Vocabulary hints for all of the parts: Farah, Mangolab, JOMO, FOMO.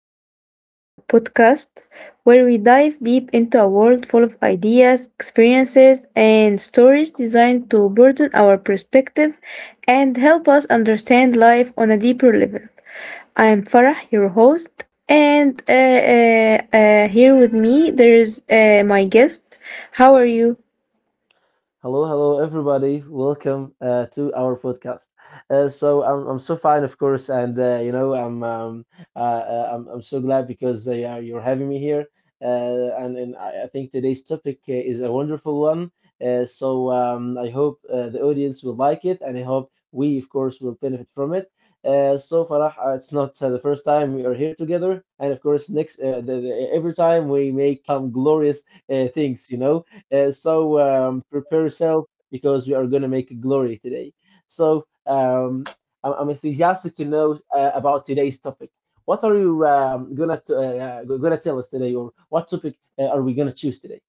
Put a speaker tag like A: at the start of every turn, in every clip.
A: episode of our podcast where we dive deep into a world full of ideas, experiences, and stories designed to broaden our perspective and help us understand life on a deeper level. I'm Farah, your host, and here with me there's my guest. How are you?
B: Hello, hello, everybody. Welcome to our podcast. I'm so fine, of course, and you know I'm so glad because yeah, you're having me here, and I think today's topic is a wonderful one. I hope the audience will like it, and I hope we, of course, will benefit from it. So Farah, it's not the first time we are here together, and of course, next every time we make some glorious things, you know. Prepare yourself because we are going to make glory today. So um, I'm enthusiastic to know about today's topic. What are you gonna tell us today, or what topic are we gonna choose today?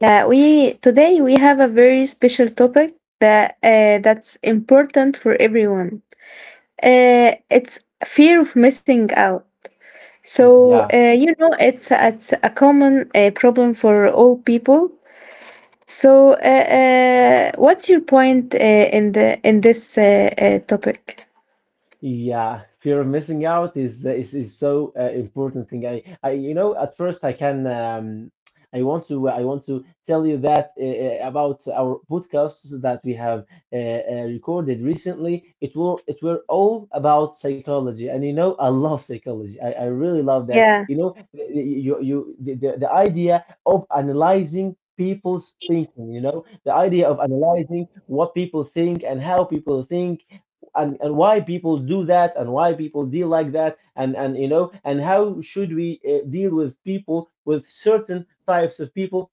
A: We today we have a very special topic that's important for everyone. It's fear of missing out. So,
B: Yeah.
A: it's a common problem for all people. So, what's your point in this topic?
B: Yeah, fear of missing out is is so important thing. I you know at first I can I want to tell you that about our podcasts that we have recorded recently. It were all about psychology, and you know I love psychology. I really love that.
A: Yeah,
B: You know the- you the idea of analyzing people's thinking. You know the idea of analyzing what people think and how people think and why people do that and why people deal like that and you know and how should we deal with people with certain types of people.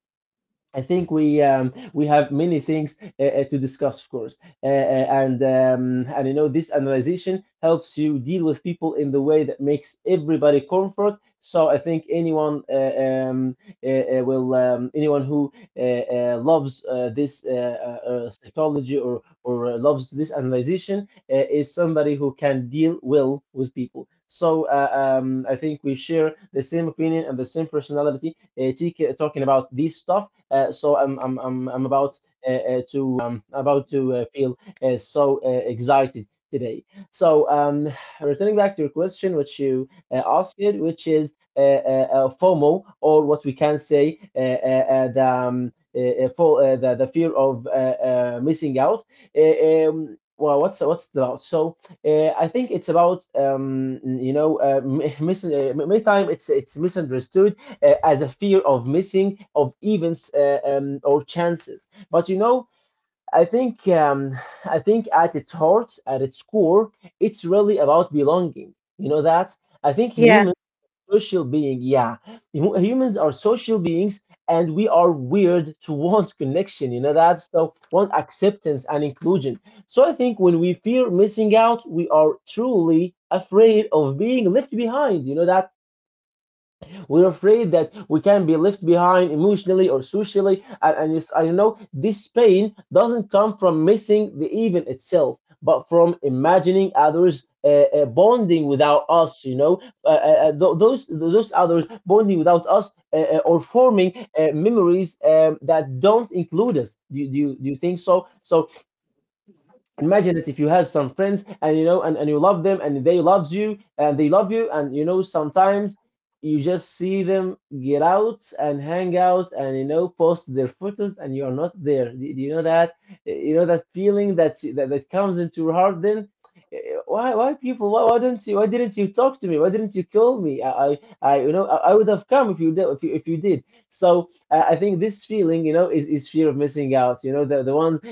B: I think we have many things to discuss, of course, and you know this analyzation helps you deal with people in the way that makes everybody comfort. So I think anyone who loves this psychology or loves this analyzation is somebody who can deal well with people. So I think we share the same opinion and the same personality, TK, talking about these stuff, so I'm about to about to feel so excited today. So um, Returning back to your question, which you asked, which is FOMO, or what we can say the for, the fear of missing out. Well, what's it about? So I think it's about you know many time it's misunderstood as a fear of missing of events or chances. But you know, I think um, I think at its heart, at its core, it's really about belonging. You know that I think
A: yeah.
B: humans are social being. Yeah. Humans are social beings and we are weird to want connection, you know that, so want acceptance and inclusion. So I think when we fear missing out, we are truly afraid of being left behind, you know that. We're afraid that we can be left behind emotionally or socially. I know this pain doesn't come from missing the event itself, but from imagining others bonding without us, you know, those others bonding without us or forming memories that don't include us. Do you think so? So imagine that if you have some friends and you know and you love them and they love you, and you know sometimes you just see them get out and hang out and you know post their photos and you are not there. Do you know that? You know that feeling that comes into your heart then. Eh, why don't you, why didn't you call me? I you know I would have come if you did, if you did. So I think this feeling, you know, is fear of missing out. You know, the ones uh,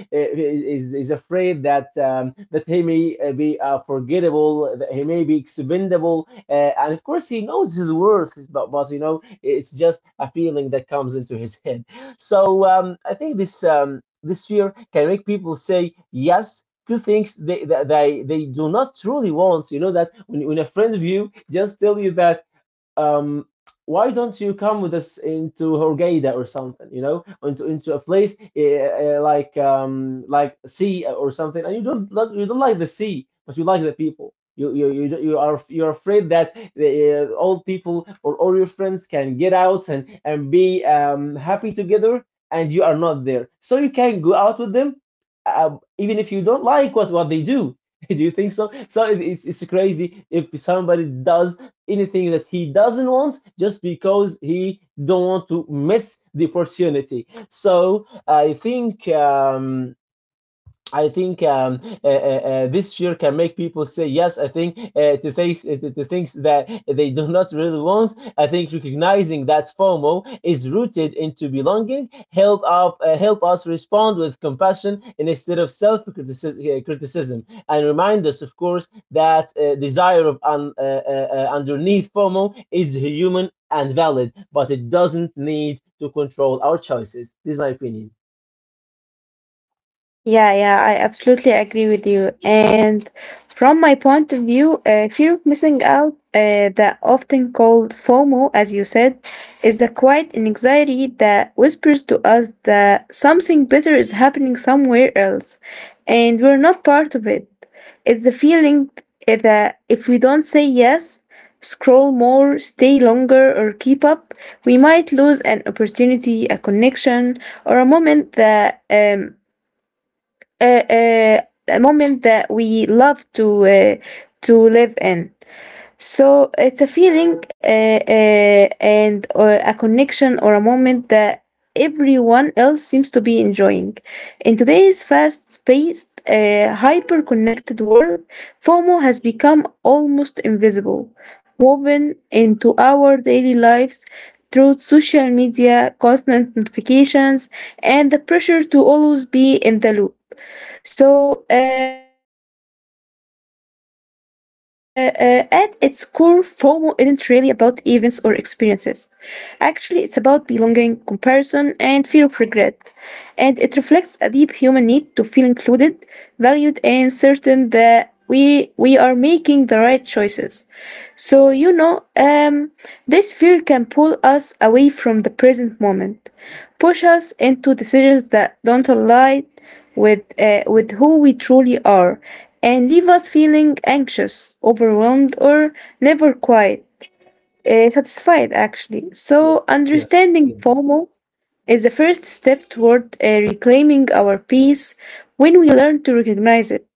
B: is, is afraid that that he may be forgettable, that he may be expendable, and of course he knows his worth, but you know it's just a feeling that comes into his head. So I think this fear can make people say yes to things they do not truly want. You know that when a friend of you just tell you that. Um, why don't you come with us into Horgada or something, you know, into a place like sea or something, and you don't like the sea, but you like the people. You're afraid that the old people or all your friends can get out and be happy together, and you are not there, so you can go out with them, even if you don't like what they do. Do you think so? So it's crazy if somebody does anything that he doesn't want just because he don't want to miss the opportunity. So I think this fear can make people say yes. I think to things that they do not really want. I think recognizing that FOMO is rooted into belonging help us respond with compassion instead of self criticism, and remind us, of course, that desire of underneath FOMO is human and valid, but it doesn't need to control our choices. This is my opinion.
A: Yeah, yeah, I absolutely agree with you. And from my point of view, fear of missing out, that often called FOMO, as you said, is a quiet anxiety that whispers to us that something better is happening somewhere else, and we're not part of it. It's the feeling that if we don't say yes, scroll more, stay longer, or keep up, we might lose an opportunity, a connection, or a moment that a, a moment that we love to live in. So it's a feeling and or a connection or a moment that everyone else seems to be enjoying. In today's fast-paced, hyper-connected world, FOMO has become almost invisible, woven into our daily lives through social media, constant notifications, and the pressure to always be in the loop. So, at its core, FOMO isn't really about events or experiences. Actually, it's about belonging, comparison, and fear of regret. And it reflects a deep human need to feel included, valued, and certain that we are making the right choices. So, this fear can pull us away from the present moment, push us into decisions that don't align with who we truly are, and leave us feeling anxious, overwhelmed, or never quite satisfied, actually.
B: Yes,
A: So,
B: yes, I
A: understanding
B: get that.
A: FOMO is the first step toward reclaiming our peace. When we learn to recognize it,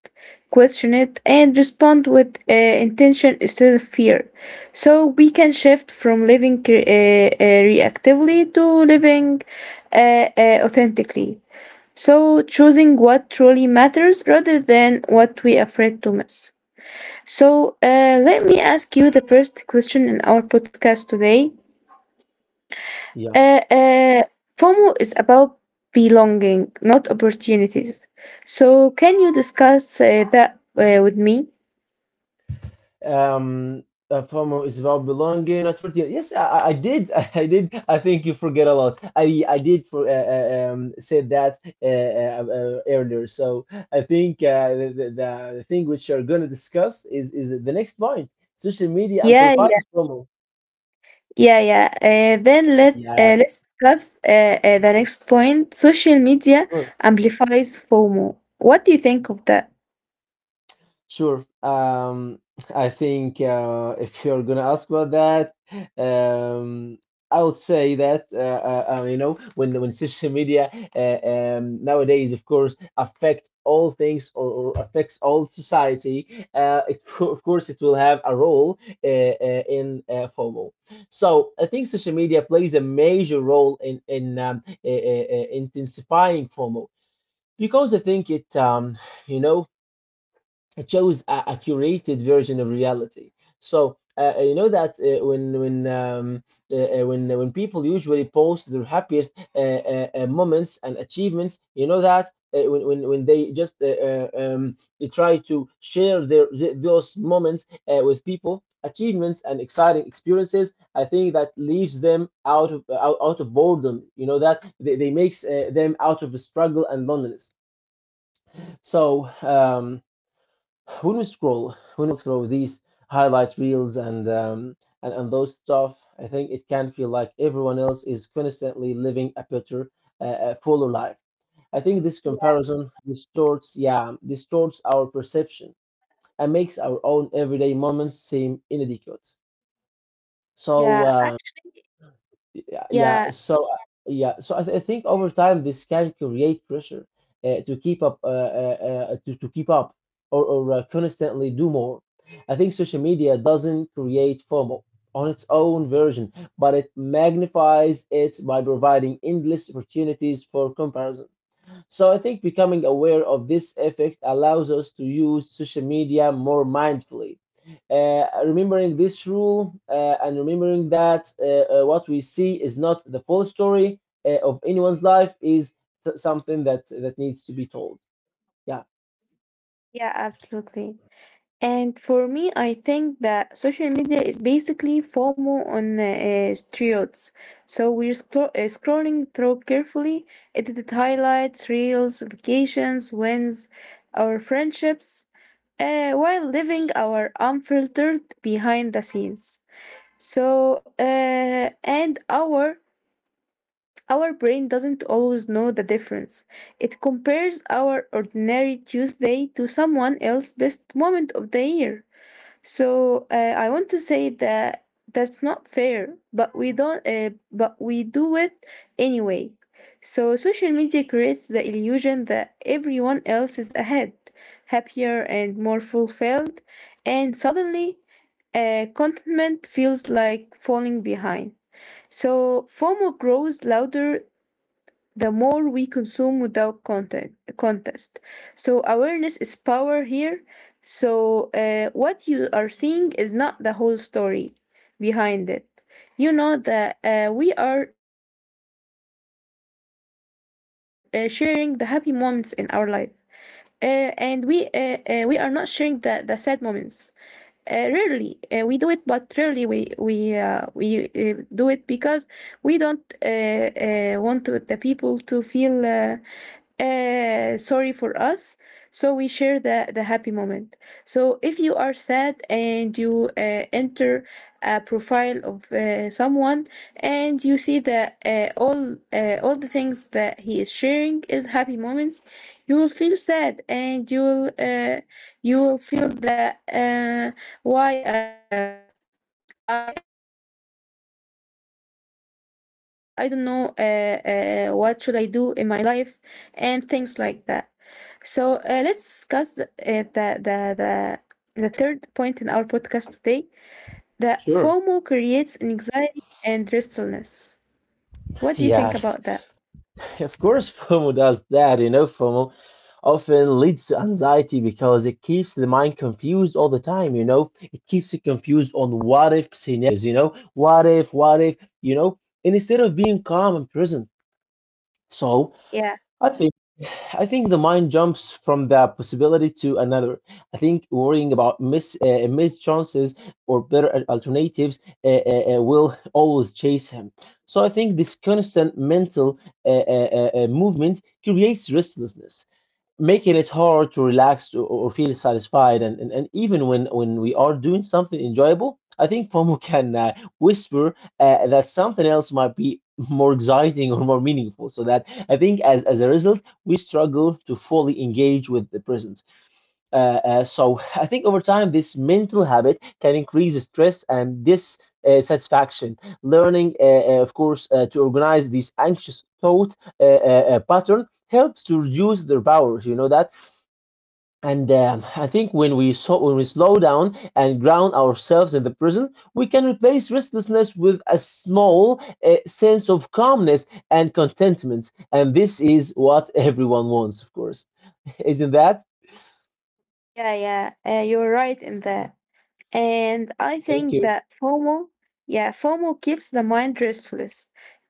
A: question it, and respond with intention instead of fear, so we can shift from living reactively to living authentically. So, choosing what truly matters rather than what we are afraid to miss. So let me ask you the first question in our podcast today.
B: Yeah.
A: Uh, uh, FOMO is about belonging, not opportunities. So, can you discuss that with me?
B: um a FOMO is about belonging, not worth it. Yes, I did. I did. I think you forget a lot. I did for say that earlier. So I think the thing which you're gonna discuss is the next point. Social media
A: Yeah, yeah,
B: amplifies FOMO.
A: yeah, yeah. Uh, then let
B: Yeah,
A: uh, let's discuss the next point. Social media
B: sure.
A: amplifies FOMO. What do you think of that?
B: Sure. I think if you're gonna ask about that, um, I would say that you know when social media uh, nowadays, of course, affect all things, or affects all society. It, of course, it will have a role in FOMO. So I think social media plays a major role in intensifying FOMO because I think it you know it shows a curated version of reality. So you know that when people usually post their happiest moments and achievements, you know that when they just they try to share those moments with people, achievements and exciting experiences, I think that leaves them out of out of boredom. You know that they makes them out of the struggle and loneliness. So. When we scroll, when we throw these highlight reels and and those stuff, I think it can feel like everyone else is constantly living a better, fuller life. I think this comparison distorts, yeah, distorts our perception and makes our own everyday moments seem inadequate. so
A: Yeah,
B: um
A: actually,
B: yeah, yeah.
A: yeah,
B: Yeah, so I think over time this can create pressure to keep up, or constantly do more. I think social media doesn't create FOMO on its own version, but it magnifies it by providing endless opportunities for comparison. So I think becoming aware of this effect allows us to use social media more mindfully. Remembering this rule, and remembering that what we see is not the full story of anyone's life is something that that needs to be told. Yeah.
A: yeah, absolutely. And for me, I think that social media is basically FOMO on steroids. So we're scrolling through carefully edited highlights, reels, vacations, wins, our friendships, while living our unfiltered behind the scenes. So and our brain doesn't always know the difference. It compares our ordinary Tuesday to someone else's best moment of the year. So I want to say that that's not fair, but we don't, but we do it anyway. So social media creates the illusion that everyone else is ahead, happier and more fulfilled, and suddenly, contentment feels like falling behind. So FOMO grows louder the more we consume without content, contest. So awareness is power here. So what you are seeing is not the whole story behind it. You know that we are sharing the happy moments in our life, and we are not sharing the sad moments. Rarely we do it, but rarely we do it because we don't want to— the people to feel sorry for us. So we share the happy moment. So if you are sad and you enter a profile of someone and you see that all the things that he is sharing is happy moments, you will feel sad and you will. You will feel that why I don't know what should I do in my life and things like that. So let's discuss the the third point in our podcast today. That FOMO creates
B: Sure.
A: anxiety and restlessness. What do you think about that?
B: Yes. Of course, FOMO does that. You know, FOMO often leads to anxiety because it keeps the mind confused all the time. You know, it keeps it confused on what if scenarios. You know, what if, what if. You know, and instead of being calm and present. So
A: Yeah,
B: I think I think the mind jumps from that possibility to another. I think worrying about missed chances or better alternatives will always chase him. So I think this constant mental movement creates restlessness, making it hard to relax or feel satisfied, and even when we are doing something enjoyable. I think FOMO can whisper that something else might be more exciting or more meaningful. So that, I think, as a result, we struggle to fully engage with the present. uh, so I think over time this mental habit can increase stress, and this satisfaction learning, of course, to organize this anxious thought pattern helps to reduce their powers, you know that. And I think when we, so when we slow down and ground ourselves in the present, we can replace restlessness with a small sense of calmness and contentment. And this is what everyone wants, of course. Isn't that?
A: yeah, yeah. You're right in that. And I
B: Thank
A: think
B: you.
A: that FOMO, yeah, FOMO keeps the mind restless.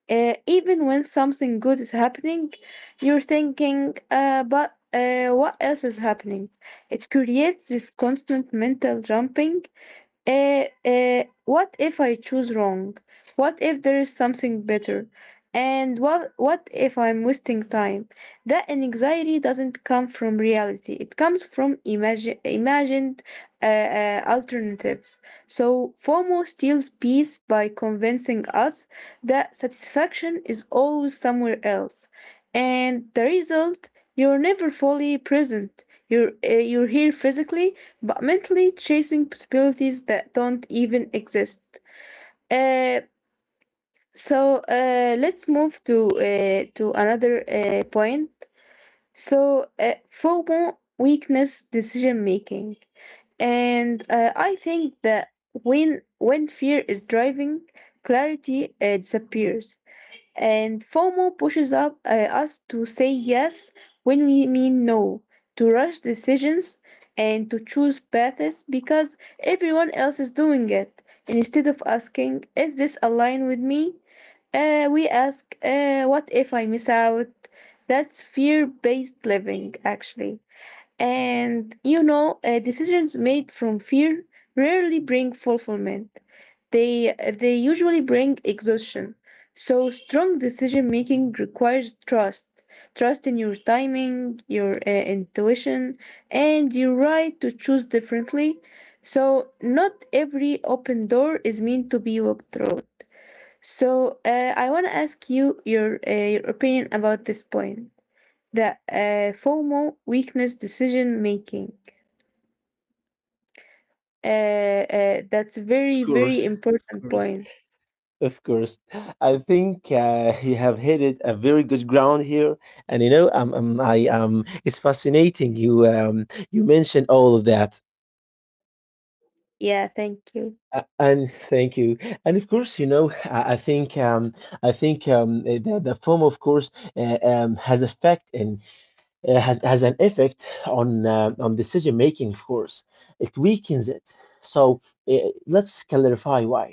A: Even when something good is happening, you're thinking, but what else is happening? It creates this constant mental jumping. What if I choose wrong? What if there is something better? And what if I'm wasting time? That anxiety doesn't come from reality. It comes from imagined alternatives. So FOMO steals peace by convincing us that satisfaction is always somewhere else, and the result, you're never fully present. You're you're here physically but mentally chasing possibilities that don't even exist. Uh, so uh, let's move to another point. So FOMO weakness decision making. And I think that when fear is driving, clarity disappears, and FOMO pushes up us to say yes when we mean no, to rush decisions and to choose paths because everyone else is doing it, instead of asking, is this aligned with me? We ask, what if I miss out? That's fear based living, actually. And you know, decisions made from fear rarely bring fulfillment. They usually bring exhaustion. So strong decision making requires trust. Trust in your timing, your intuition, and your right to choose differently. So not every open door is meant to be walked through. So I want to ask you your opinion about this point, that FOMO weakness decision making. That's a very
B: Of
A: very
B: course. Of
A: important
B: course.
A: point.
B: Of course. I think you have hit a very good ground here. And you know, I it's fascinating. You you mentioned all of that.
A: Yeah, thank you.
B: And thank you. And of course, you know, I think I think the film, of course, uh, um, has effect in has an effect on decision making, of course. It weakens it. So let's clarify why.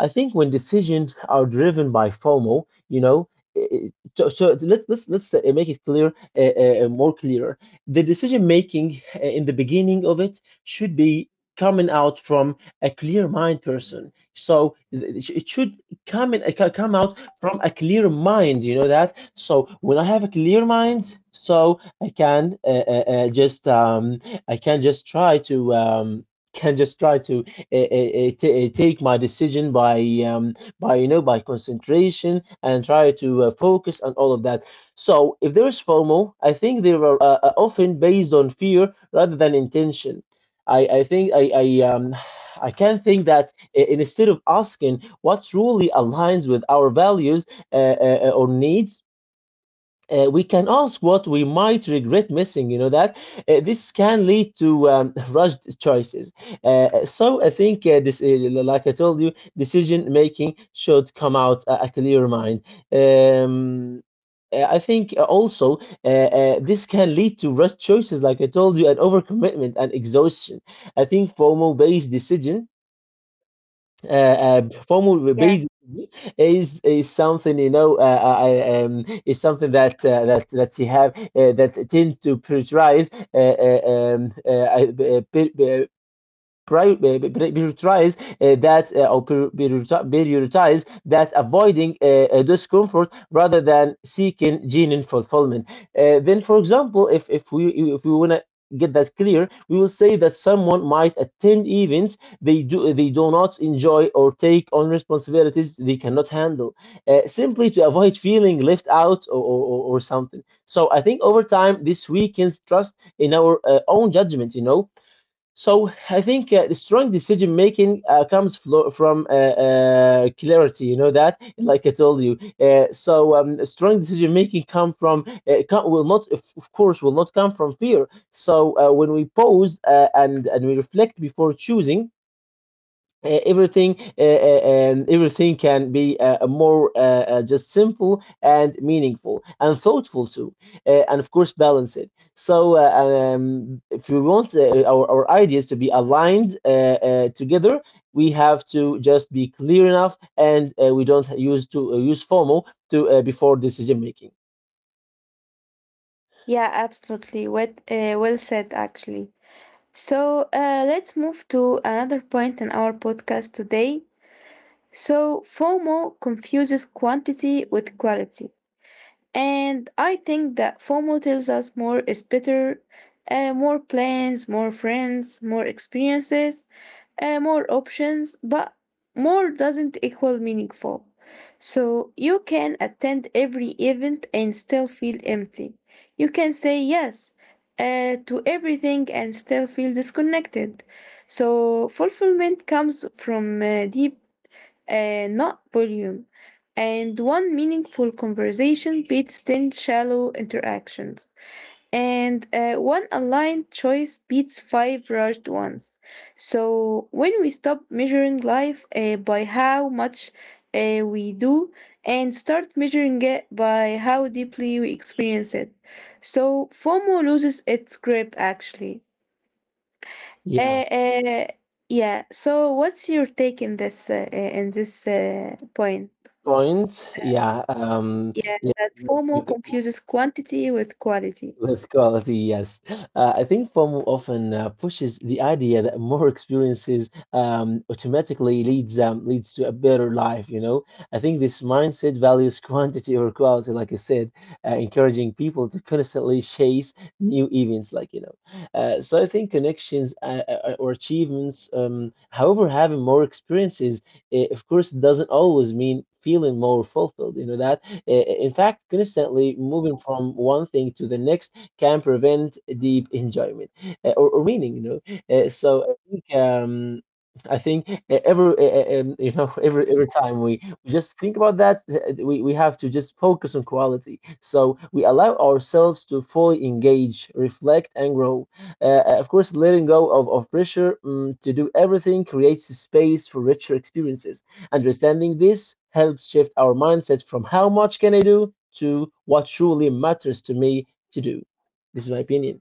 B: I think when decisions are driven by FOMO, you know, i- so, so let's make it clear, more clearer. The decision making, in the beginning of it, should be coming out from a clear mind person. So it should come in come out from a clear mind, you know that. So when I have a clear mind, so I can just I can just try to can just try to take my decision by by, you know, by concentration and try to focus on all of that. So if there is FOMO, I think they are often based on fear rather than intention. I, I think I, I um I can think that, instead of asking what truly aligns with our values or needs, we can ask what we might regret missing, you know that. This can lead to rushed choices. So I think like I told you, decision making should come out a clear mind. Um, I think also this can lead to rushed choices, like I told you, and overcommitment and exhaustion. I think FOMO-based decision, uh, uh, formal
A: Yeah.
B: basically, is something, you know, is something that that you have, that tends to prioritize, prior- eh, prioritize that or prioritize that, avoiding discomfort rather than seeking genuine fulfillment. Then, for example, if we wanna get that clear, we will say that someone might attend events they do not enjoy or take on responsibilities they cannot handle, simply to avoid feeling left out, or something. So I think over time this weakens trust in our own judgment, you know. So I think the strong decision making comes from clarity, you know that, like I told you. So strong decision making come from will not, of course, will not come from fear. So when we pause and we reflect before choosing, everything can be more just simple and meaningful and thoughtful too, and of course balance it. So if we want our ideas to be aligned together, we have to just be clear enough, and we don't use to use FOMO to before decision making.
A: Yeah, absolutely. What, well said, actually. So let's move to another point in our podcast today. So FOMO confuses quantity with quality. And I think that FOMO tells us more is better, more plans, more friends, more experiences, more options, but more doesn't equal meaningful. So you can attend every event and still feel empty. You can say yes to everything and still feel disconnected. So fulfillment comes from deep and not volume. And one meaningful conversation beats 10 shallow interactions. And one aligned choice beats five rushed ones. So when we stop measuring life by how much we do and start measuring it by how deeply we experience it, so FOMO loses its grip actually. Uh,
B: Yeah,
A: uh, yeah. So what's your take in this point?
B: point, yeah.
A: Yeah,
B: Yeah
A: that
B: you,
A: FOMO
B: you,
A: confuses quantity with quality.
B: with quality, yes. I think FOMO often pushes the idea that more experiences automatically leads to a better life, you know. I think this mindset values quantity over quality, like I said, encouraging people to constantly chase new events, like, you know. So I think connections or achievements, however, having more experiences, of course, doesn't always mean feeling more fulfilled, you know that. In fact, constantly moving from one thing to the next can prevent deep enjoyment or meaning, you know. So I think every you know, every time we just think about that, we have to just focus on quality. So we allow ourselves to fully engage, reflect, and grow. Of course, letting go of pressure, to do everything creates a space for richer experiences. Understanding this helps shift our mindset from how much can I do to what truly matters to me to do. This is my opinion.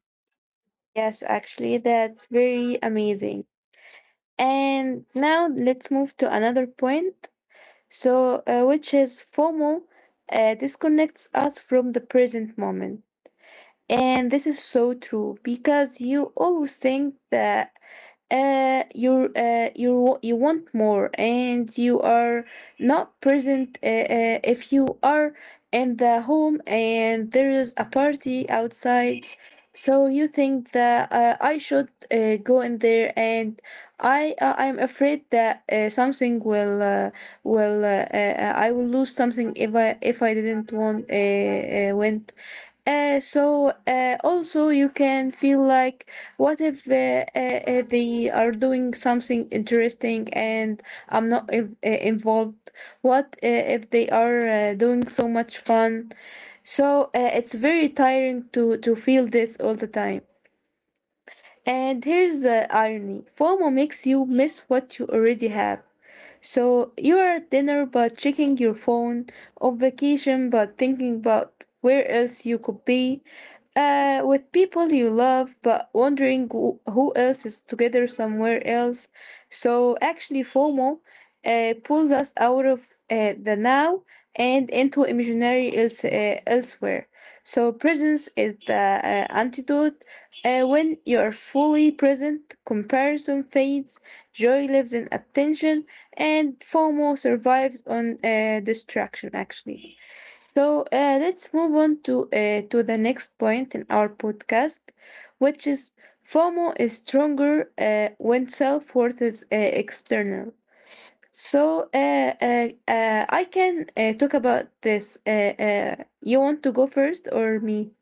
A: Yes, actually, that's very amazing. And now let's move to another point. So, which is FOMO disconnects us from the present moment. And this is so true because you always think that you you want more and you are not present. If you are in the home and there is a party outside, so you think that I should go in there, and I'm afraid that something will I will lose something if I didn't want went. Also you can feel like what if they are doing something interesting and I'm not involved? What if they are doing so much fun? So it's very tiring to feel this all the time. And here's the irony, FOMO makes you miss what you already have. So you are at dinner but checking your phone, on vacation but thinking about where else you could be, with people you love but wondering who else is together somewhere else. So actually, FOMO pulls us out of the now and into imaginary elsewhere. So presence is the antidote. When you are fully present, comparison fades, joy lives in attention, and FOMO survives on distraction, actually. So let's move on to the next point in our podcast, which is FOMO is stronger when self worth is external. So I can talk about this. You want to go first or me?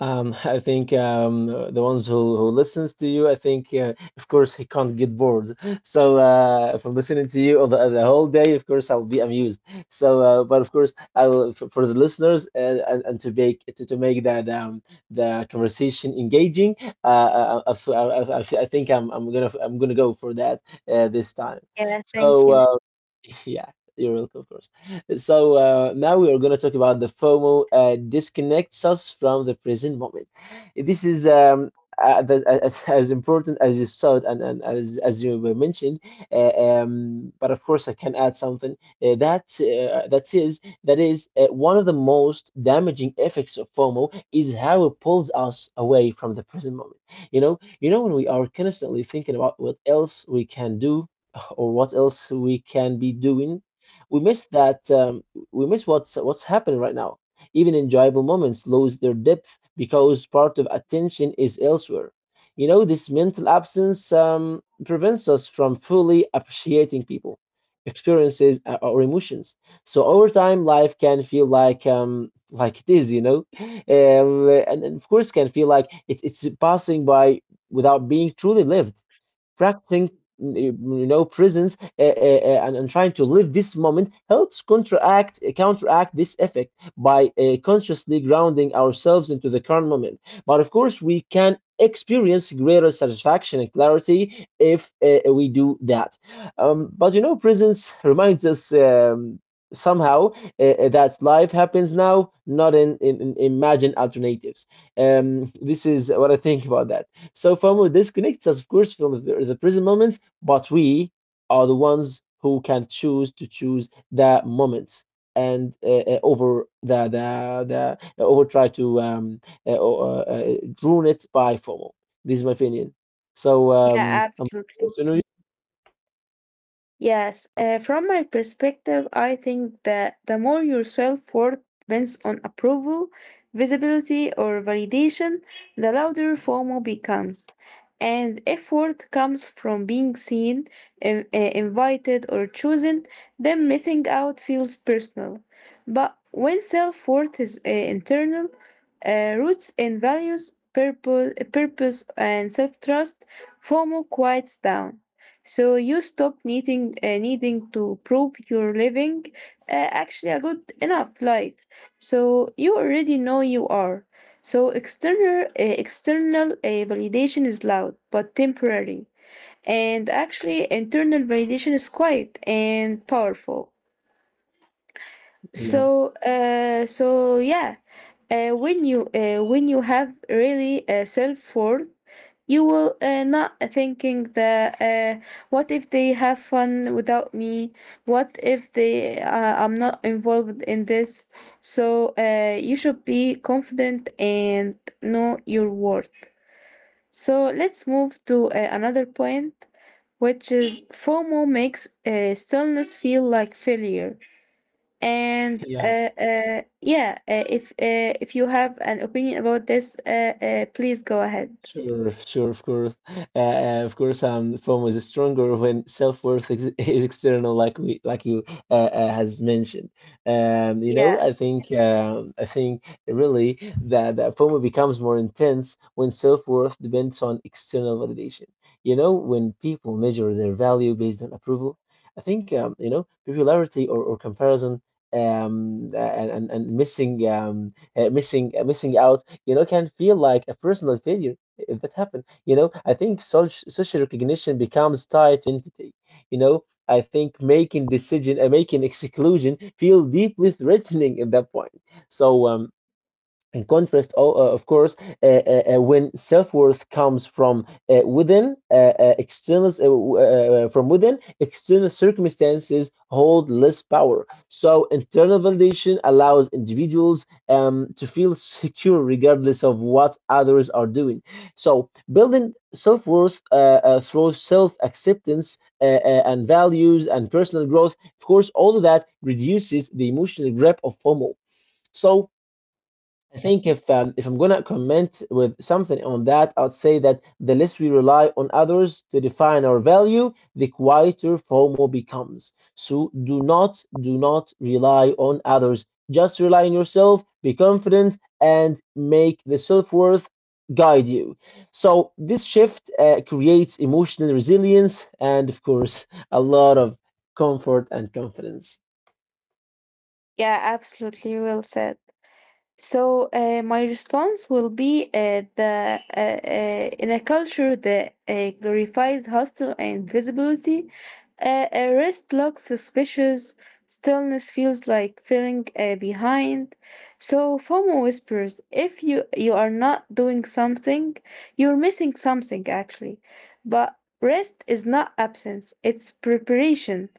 B: I think the ones who listens to you, I think, of course, he can't get bored. So from listening to you all the whole day, of course, I'll be amused. So, but of course, I will for the listeners, and to make that the conversation engaging. I think I'm gonna go for that this time.
A: Yeah, thank
B: So
A: you.
B: yeah, you're welcome, of course. So now we are going to talk about the FOMO disconnects us from the present moment. This is the, as important as you said, and as you were mentioned. But of course, I can add something that is one of the most damaging effects of FOMO is how it pulls us away from the present moment. You know when we are constantly thinking about what else we can do or what else we can be doing, we miss that, we miss what's happening right now. Even enjoyable moments lose their depth because part of attention is elsewhere. You know, this mental absence prevents us from fully appreciating people, experiences, or emotions. So over time, life can feel like, like it is you know and of course, can feel like it's passing by without being truly lived. Practicing you know, presence, and trying to live this moment helps counteract, counteract this effect by consciously grounding ourselves into the current moment. But of course, we can experience greater satisfaction and clarity if we do that. But you know, presence reminds us, somehow, that life happens now, not in imagined alternatives. This is what I think about that. So FOMO disconnects us, of course, from the present moments, but we are the ones who can choose to choose the moments, and over the over try to uh, uh, uh, ruin it by FOMO. This is my opinion. So
A: Yeah,
B: I'm
A: absolutely.
B: curious to know you.
A: Yes, from my perspective, I think that the more your self worth depends on approval, visibility, or validation, the louder FOMO becomes. And if worth comes from being seen, invited, or chosen, then missing out feels personal. But when self worth is internal, roots in values, purpose and self trust, FOMO quiets down. So you stop needing to prove you're living actually a good enough life. So you already know you are. So external validation is loud but temporary, and actually internal validation is quiet and powerful,
B: Yeah,
A: so when you have really self-worth, you will not thinking that what if they have fun without me, what if they I'm not involved in this. So you should be confident and know your worth. So let's move to another point, which is FOMO makes stillness feel like failure. and
B: yeah.
A: uh, uh, yeah, uh, if uh, if you have an opinion about this, please go ahead.
B: Sure, sure, of course. Of course, FOMO is stronger when self-worth ex is external, like we, like you has mentioned. You know,
A: Yeah,
B: I think really that, that FOMO becomes more intense when self-worth depends on external validation. You know, when people measure their value based on approval, I think, you know, popularity, or comparison. And and missing out, you know, can feel like a personal failure if that happened. You know, I think such social recognition becomes tied to identity. You know, I think making decision and making exclusion feel deeply threatening at that point. So in contrast, of course, when self-worth comes from within, external, from within, external circumstances hold less power. So internal validation allows individuals, to feel secure regardless of what others are doing. So building self-worth through self-acceptance and values and personal growth, of course, all of that reduces the emotional grip of FOMO. So I think if, if I'm gonna comment with something on that, I'd say that the less we rely on others to define our value, the quieter FOMO becomes. So do not rely on others. Just rely on yourself. Be confident and make the self worth guide you. So this shift creates emotional resilience and, of course, a lot of comfort and confidence.
A: yeah, absolutely. Well said. So my response will be the in a culture that glorifies hustle and visibility, a rest looks suspicious. Stillness feels like feeling behind. So FOMO whispers, if you are not doing something, you're missing something actually. But rest is not absence; it's preparation.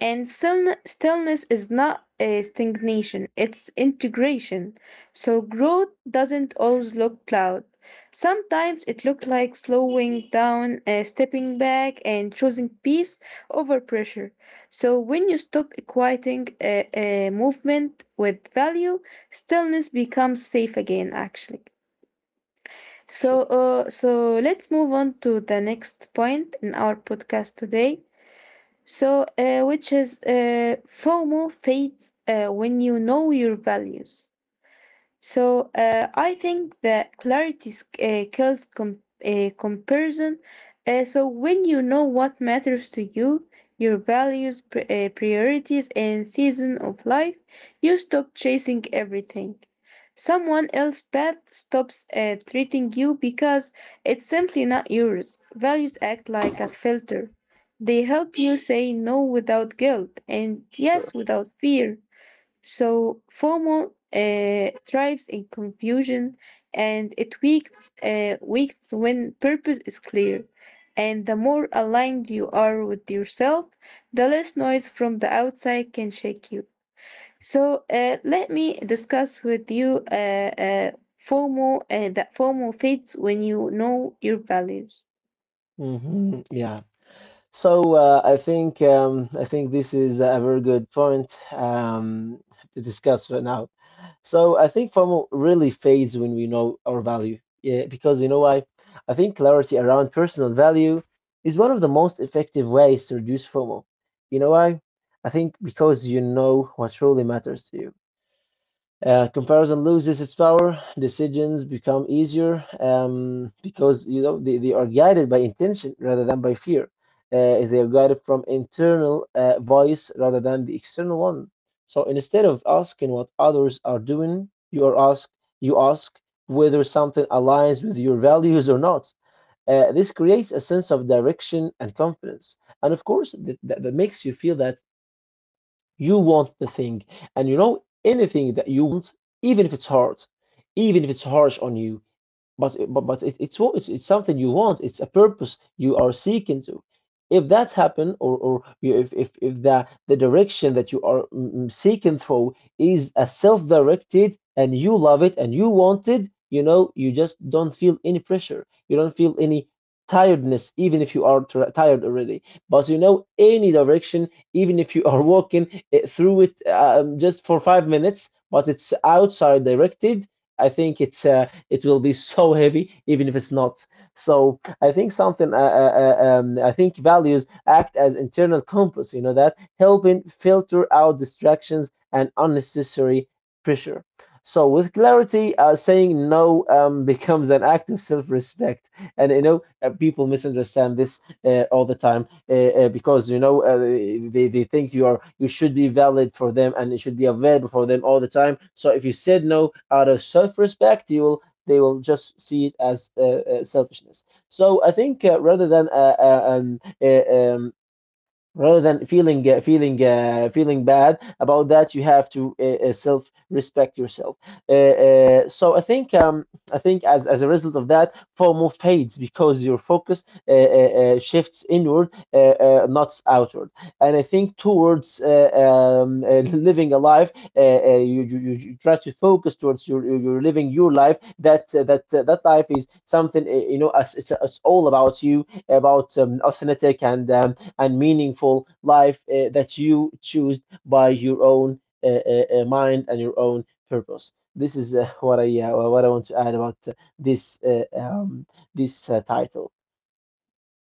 A: And still, stillness is not a stagnation; it's integration. So growth doesn't always look loud. Sometimes it looked like slowing down, stepping back, and choosing peace over pressure. So when you stop equating movement with value, stillness becomes safe again, actually. So,
B: Sure,
A: so let's move on to the next point in our podcast today. So, which is FOMO fades when you know your values. So I think that clarity kills comparison. So when you know what matters to you, your values, priorities, and season of life, you stop chasing everything. Someone else's path stops treating you because it's simply not yours. Values act like a filter. They help you say no without guilt and yes
B: sure.
A: without fear. So FOMO thrives in confusion, and it weakens when purpose is clear. And the more aligned you are with yourself, the less noise from the outside can shake you. So let me discuss with you FOMO fades when you know your values.
B: Hmm. Yeah. So I think this is a very good point, to discuss right now. So I think FOMO really fades when we know our value. Yeah, because you know why? I think clarity around personal value is one of the most effective ways to reduce FOMO. You know why? I think because you know what truly matters to you. Comparison loses its power. Decisions become easier because you know they are guided by intention rather than by fear. They are guided from internal voice rather than the external one. So instead of asking what others are doing, you ask whether something aligns with your values or not. This creates a sense of direction and confidence, and of course that makes you feel that you want the thing. And you know, anything that you want, even if it's hard, even if it's harsh on you, but it's it's something you want, it's a purpose you are seeking to. If that happen, or you, if the direction that you are seeking through is a self-directed and you love it and you want it, you know you just don't feel any pressure, you don't feel any tiredness even if you are tired already. But you know, any direction, even if you are walking through it just for 5 minutes but it's outside directed, I think it will be so heavy even if it's not. So I think something I think values act as internal compass, you know, that helping filter out distractions and unnecessary pressure. So with clarity, saying no becomes an act of self-respect. And you know, people misunderstand this all the time, because you know, they think you are, you should be valid for them and it should be available for them all the time. So if you said no out of self-respect, you will they will just see it as selfishness. So I think rather than feeling feeling bad about that, you have to self respect yourself. Uh, uh, so i think um, i think as a result of that, FOMO fades because your focus shifts inward, not outward. And I think towards um, uh, living a life, you try to focus towards your living your life, that that life is something, you know, as it's all about you, about authentic and meaningful life that you choose by your own mind and your own purpose. This is what I, what I want to add about this uh, um, this title.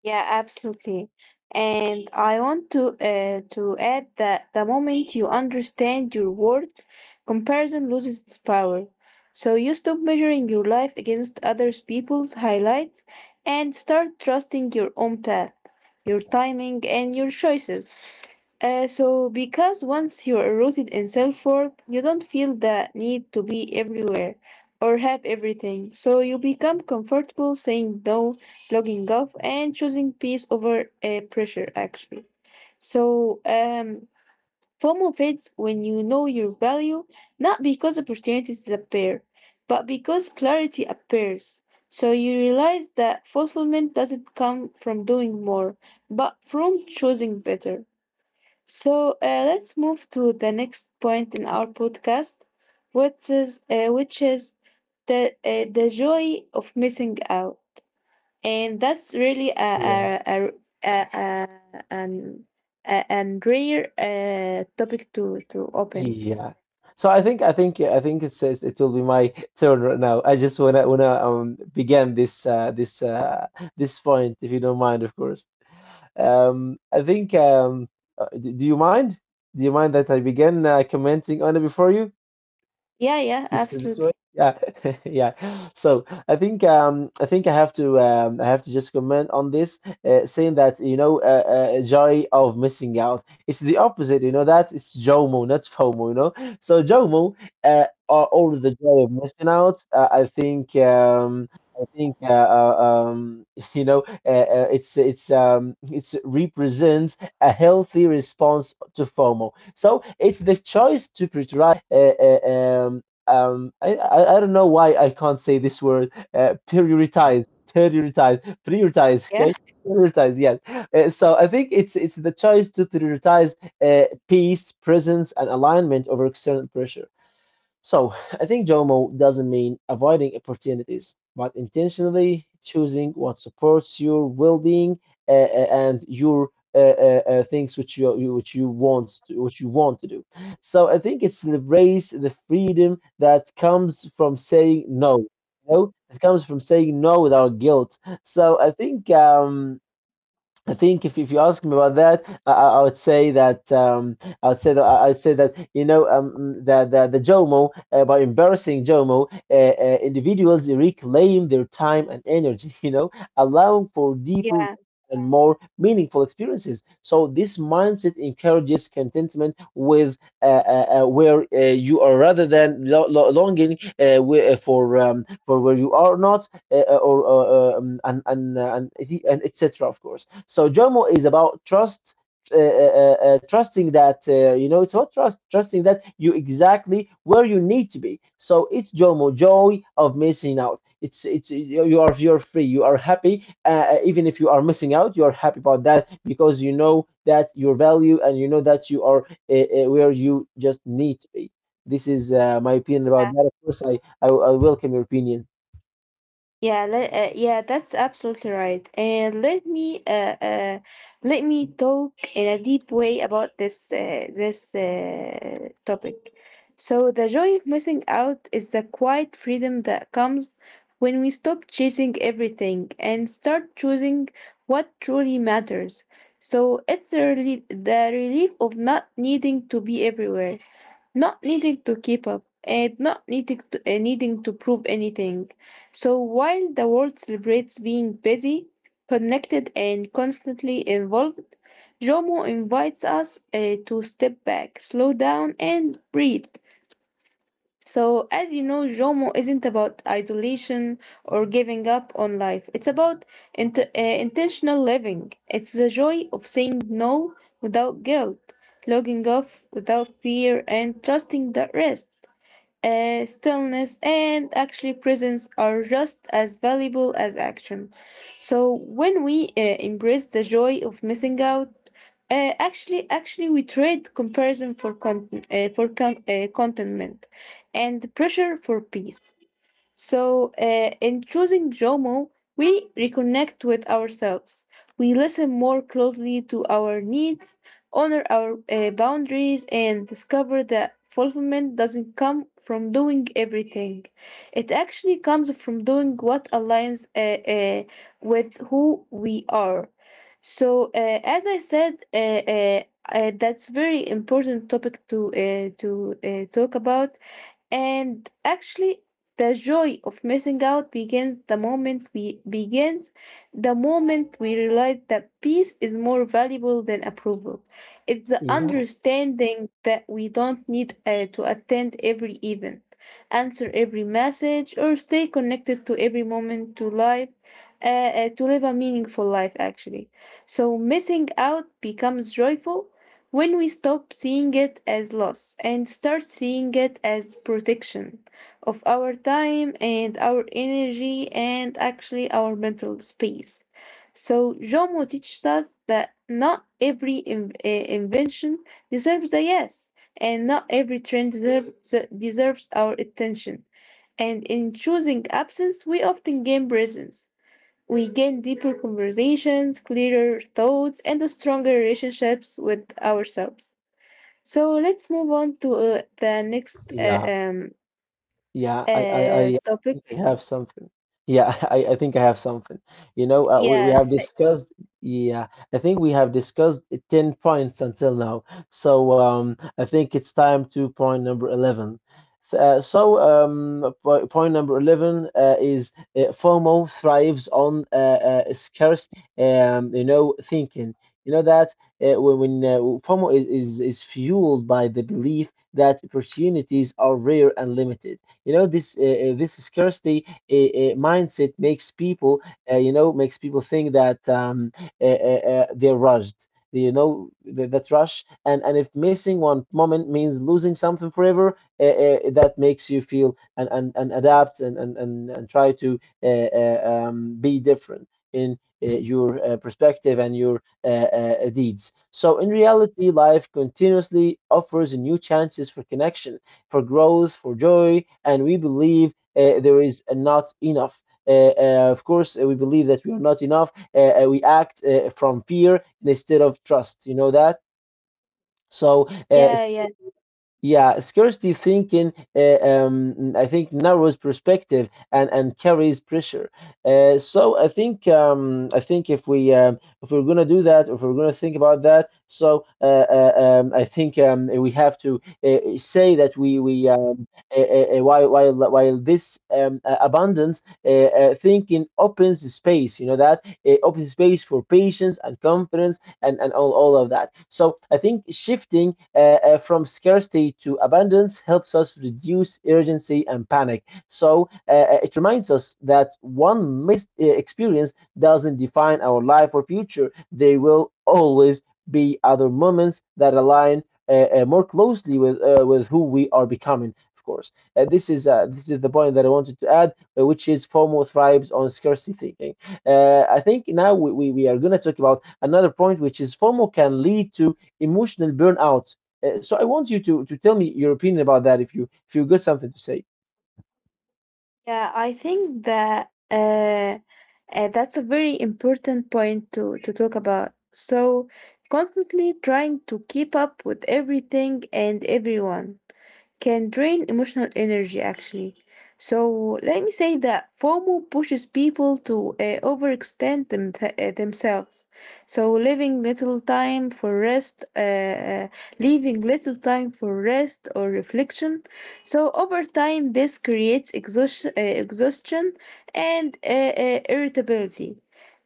A: Yeah, absolutely. And I want to add that the moment you understand your worth, comparison loses its power. So you stop measuring your life against others people's highlights and start trusting your own path, your timing, and your choices. So, because once you're rooted in self worth, you don't feel the need to be everywhere or have everything. So you become comfortable saying no, logging off, and choosing peace over pressure, actually. So, FOMO fades when you know your value, not because opportunities disappear, but because clarity appears. So you realize that fulfillment doesn't come from doing more, but from choosing better. So let's move to the next point in our podcast, which is the joy of missing out, and that's really
B: Yeah.
A: a, a an an rare topic to open.
B: Yeah. So I think it says it will be my turn right now. I just wanna begin this point, if you don't mind, of course. Um, I think um do you mind? Do you mind that I begin commenting on it before you?
A: Yeah, yeah,
B: This way?
A: absolutely.
B: Yeah. Yeah. So I think I have to, I have to just comment on this, saying that, you know, joy of missing out. It's the opposite, you know that it's JOMO, not FOMO, you know. So JOMO or the joy of missing out. I think um you know, it's it's represents a healthy response to FOMO. So it's the choice to prioritize I don't know why I can't say this word. Prioritize, prioritize, prioritize.
A: Yeah,
B: Okay, prioritize. Yes. So I think it's the choice to prioritize peace, presence, and alignment over external pressure. So I think JOMO doesn't mean avoiding opportunities, but intentionally choosing what supports your well-being and your things which you want to do. So I think it celebrates the freedom that comes from saying no. You know, it comes from saying no without guilt. So I think if you ask me about that, I would say that I would say that, you know, the Jomo, by embarrassing Jomo, individuals reclaim their time and energy. You know, allowing for deeper
A: yeah.
B: and more meaningful experiences. So this mindset encourages contentment with where you are, rather than longing, for where you are not, or uh, um, and and uh, and, and etc. Of course. So Jomo is about trust, trusting that, you know, it's about trust, trusting that you exactly where you need to be. So it's Jomo, joy of missing out. It's you are, you're free, you are happy. Even if you are missing out, you are happy about that because you know that your value and you know that you are, where you just need to be. This is my opinion about that. Of course, I welcome your opinion.
A: Yeah, that's absolutely right. And let me talk in a deep way about this topic. So the joy of missing out is the quiet freedom that comes when we stop chasing everything and start choosing what truly matters. So it's the relief of not needing to be everywhere, not needing to keep up, and not needing to, needing to prove anything. So while the world celebrates being busy, connected, and constantly involved, Jomo invites us to step back, slow down, and breathe. So, as you know, JOMO isn't about isolation or giving up on life. It's about intentional living. It's the joy of saying no without guilt, logging off without fear, and trusting the rest, stillness, and actually presence are just as valuable as action. So when we embrace the joy of missing out, actually, we trade comparison for contentment, and pressure for peace. So, in choosing Jomo, we reconnect with ourselves. We listen more closely to our needs, honor our boundaries, and discover that fulfillment doesn't come from doing everything. It actually comes from doing what aligns with who we are. So, as I said, that's very important topic to talk about. And actually, the joy of missing out begins the moment we realize that peace is more valuable than approval. It's the
B: Yeah,
A: understanding that we don't need to attend every event, answer every message, or stay connected to every moment to life, to live a meaningful life actually. So missing out becomes joyful when we stop seeing it as loss and start seeing it as protection of our time and our energy and actually our mental space. So Jomo teaches us that not invention deserves a yes, and not every trend deserves our attention. And in choosing absence, we often gain presence. We gain deeper conversations, clearer thoughts, and stronger relationships with ourselves. So let's move on to the next
B: yeah. Yeah, I
A: topic.
B: think I have something. Yeah, I think I have something. You know, we have
A: Yes,
B: discussed, yeah, I think we have discussed 10 points until now. So I think it's time to point number 11. Point number 11 is FOMO thrives on scarcity, you know, thinking. You know that, when FOMO is fueled by the belief that opportunities are rare and limited. You know, this scarcity mindset makes people, you know, makes people think that they're rushed. You know, that rush, and if missing one moment means losing something forever, that makes you feel and and adapt and, and try to be different in your perspective and your deeds. So, in reality, life continuously offers new chances for connection, for growth, for joy, and we believe there is not enough. Of course, we believe that we are not enough. We act from fear instead of trust. You know that. So
A: yeah, yeah,
B: yeah, scarcity thinking, I think, narrows perspective and carries pressure. So I think if we if we're gonna do that, if we're gonna think about that, so I think we have to say that we while this abundance thinking opens space, you know that it opens space for patience and confidence, and all of that. So I think shifting, from scarcity to abundance, helps us reduce urgency and panic. So it reminds us that one missed experience doesn't define our life or future. They will always be other moments that align more closely with, with who we are becoming. Of course, this is the point that I wanted to add, which is FOMO thrives on scarcity thinking. I think now we are going to talk about another point, which is FOMO can lead to emotional burnout. So I want you to tell me your opinion about that, if you, if you got something to say.
A: yeah. I think that that's a very important point to talk about. So constantly trying to keep up with everything and everyone can drain emotional energy actually. So let me say that FOMO pushes people to overextend themselves, so leaving little time for rest, uh, uh, or reflection. So over time, this creates exhaustion and irritability.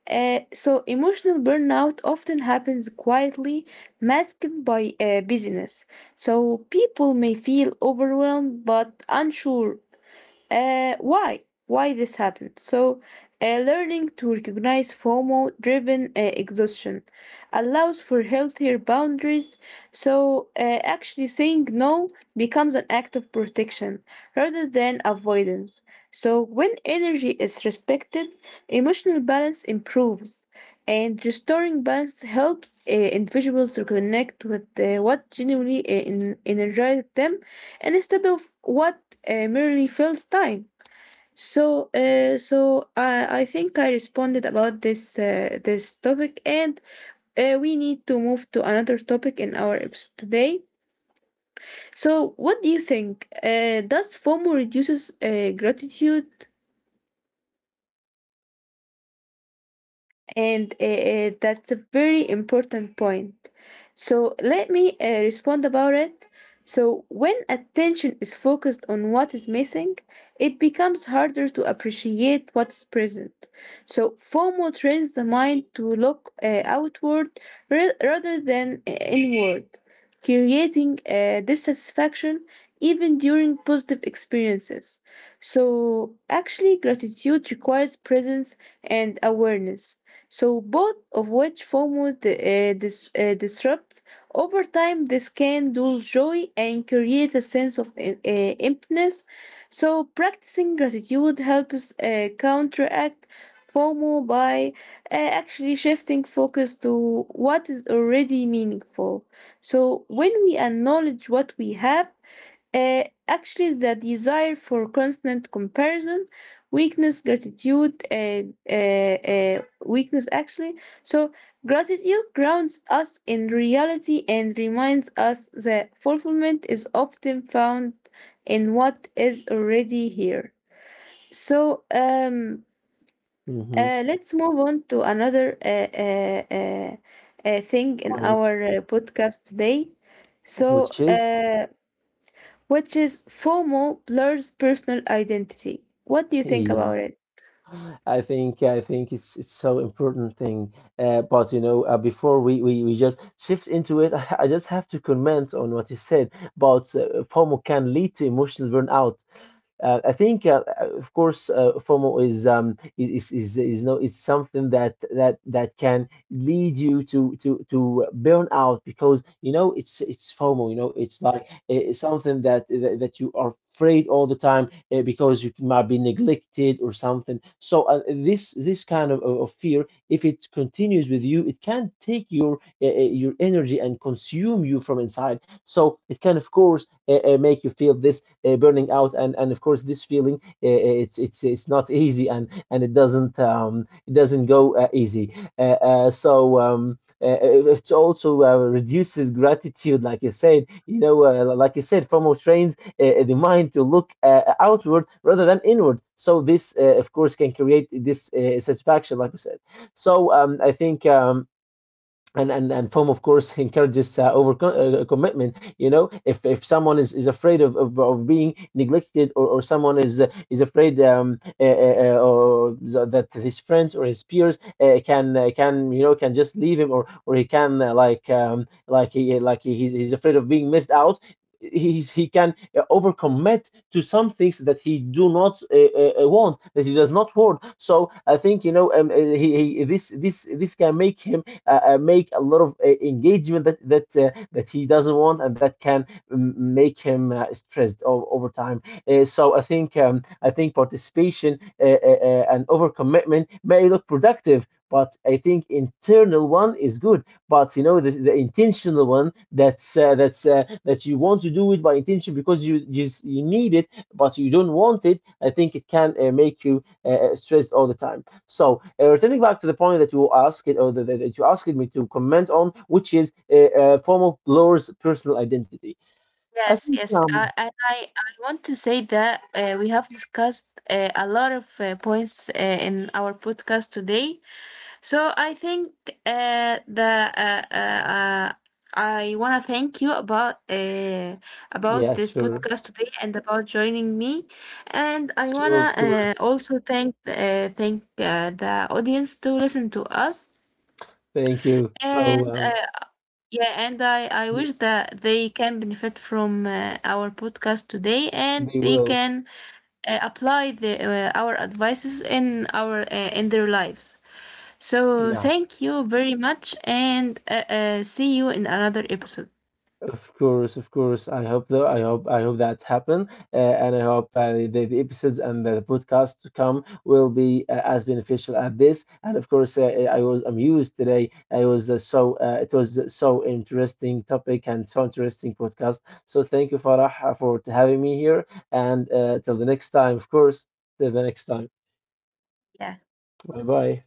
A: So emotional burnout often happens quietly, masked by busyness. So people may feel overwhelmed but unsure why this happened. So learning to recognize FOMO driven exhaustion allows for healthier boundaries. So actually saying no becomes an act of protection rather than avoidance. So when energy is respected, emotional balance improves, and restoring balance helps individuals reconnect with what genuinely energizes them instead of what merely fills time. So, so I think I responded about this topic, and we need to move to another topic in our episode today. So, what do you think? Does FOMO reduces gratitude? And that's a very important point. So let me respond about it. So when attention is focused on what is missing, it becomes harder to appreciate what's present. So FOMO trains the mind to look outward rather than inward, creating dissatisfaction even during positive experiences. So actually, gratitude requires presence and awareness. So both of which disrupts over time. This can dull joy and create a sense of emptiness. So practicing gratitude helps counteract FOMO by actually shifting focus to what is already meaningful. So when we acknowledge what we have, actually, the desire for constant comparison, weakness, gratitude, weakness, actually. So gratitude grounds us in reality and reminds us that fulfillment is often found in what is already here. So,
B: Mm-hmm.
A: let's move on to another thing in
B: Point,
A: our podcast today. So,
B: which is
A: which is FOMO blurs personal identity. What do you think
B: yeah.
A: about it?
B: I think it's so important thing. But you know, before we just shift into it, just have to comment on what you said about FOMO can lead to emotional burnout. Of course, FOMO is no, it's something that can lead you to to burn out because you know it's FOMO. You know, it's like something that you are afraid all the time, because you might be neglected or something. So this, this kind of, fear, if it continues with you, it can take your energy and consume you from inside. So it can, of course, make you feel this, burning out. And and of course this feeling, it's not easy, and it doesn't, it doesn't go easy. Uh, so it also reduces gratitude, like you said, you know, like you said, FOMO trains the mind to look outward rather than inward. So this, of course, can create this satisfaction, like you said. So I think and foam, of course, encourages over commitment. You know, if someone is afraid of being neglected, or someone is afraid, or that his friends or his peers can, can, you know, can just leave him, or he can, like he's afraid of being missed out. He's, he can overcommit to some things that he do not want, that he does not want. So I think, you know, he this can make him make a lot of engagement that that he doesn't want, and that can make him, stressed over time. So I think participation, and overcommitment, may look productive, but I think internal one is good. But you know the intentional one, that's, that you want to do it by intention because you just you need it, but you don't want it. I think it can, make you, stressed all the time. So returning back to the point that you asked it, or that, that you asked me to comment on, which is a form of blur's personal identity. I
A: Yes,
B: think,
A: yes. I, I, I I want to say that we have discussed a lot of points in our podcast today. So I think the uh, uh, uh, I want to thank you about
B: yeah,
A: this
B: sure,
A: podcast today and about joining me. And I want
B: sure,
A: to
B: of course.
A: also thank the audience to listen to us.
B: Thank you. So,
A: And, yeah, and I
B: y-
A: wish that they can benefit from our podcast today and
B: they
A: they
B: will,
A: can apply the, our advices in our in their lives. So
B: yeah.
A: thank you very much and see you in another episode.
B: Of course, of course. I hope though. I hope, that happen, uh, and I hope the episodes and the podcast to come will be as beneficial as this. And of course, I was amused today. I was So it was so interesting topic and so interesting podcast. So thank you, Farah, for having me here. And till the next time, of course. Till the next time.
A: Yeah,
B: Bye bye.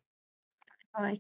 A: bye.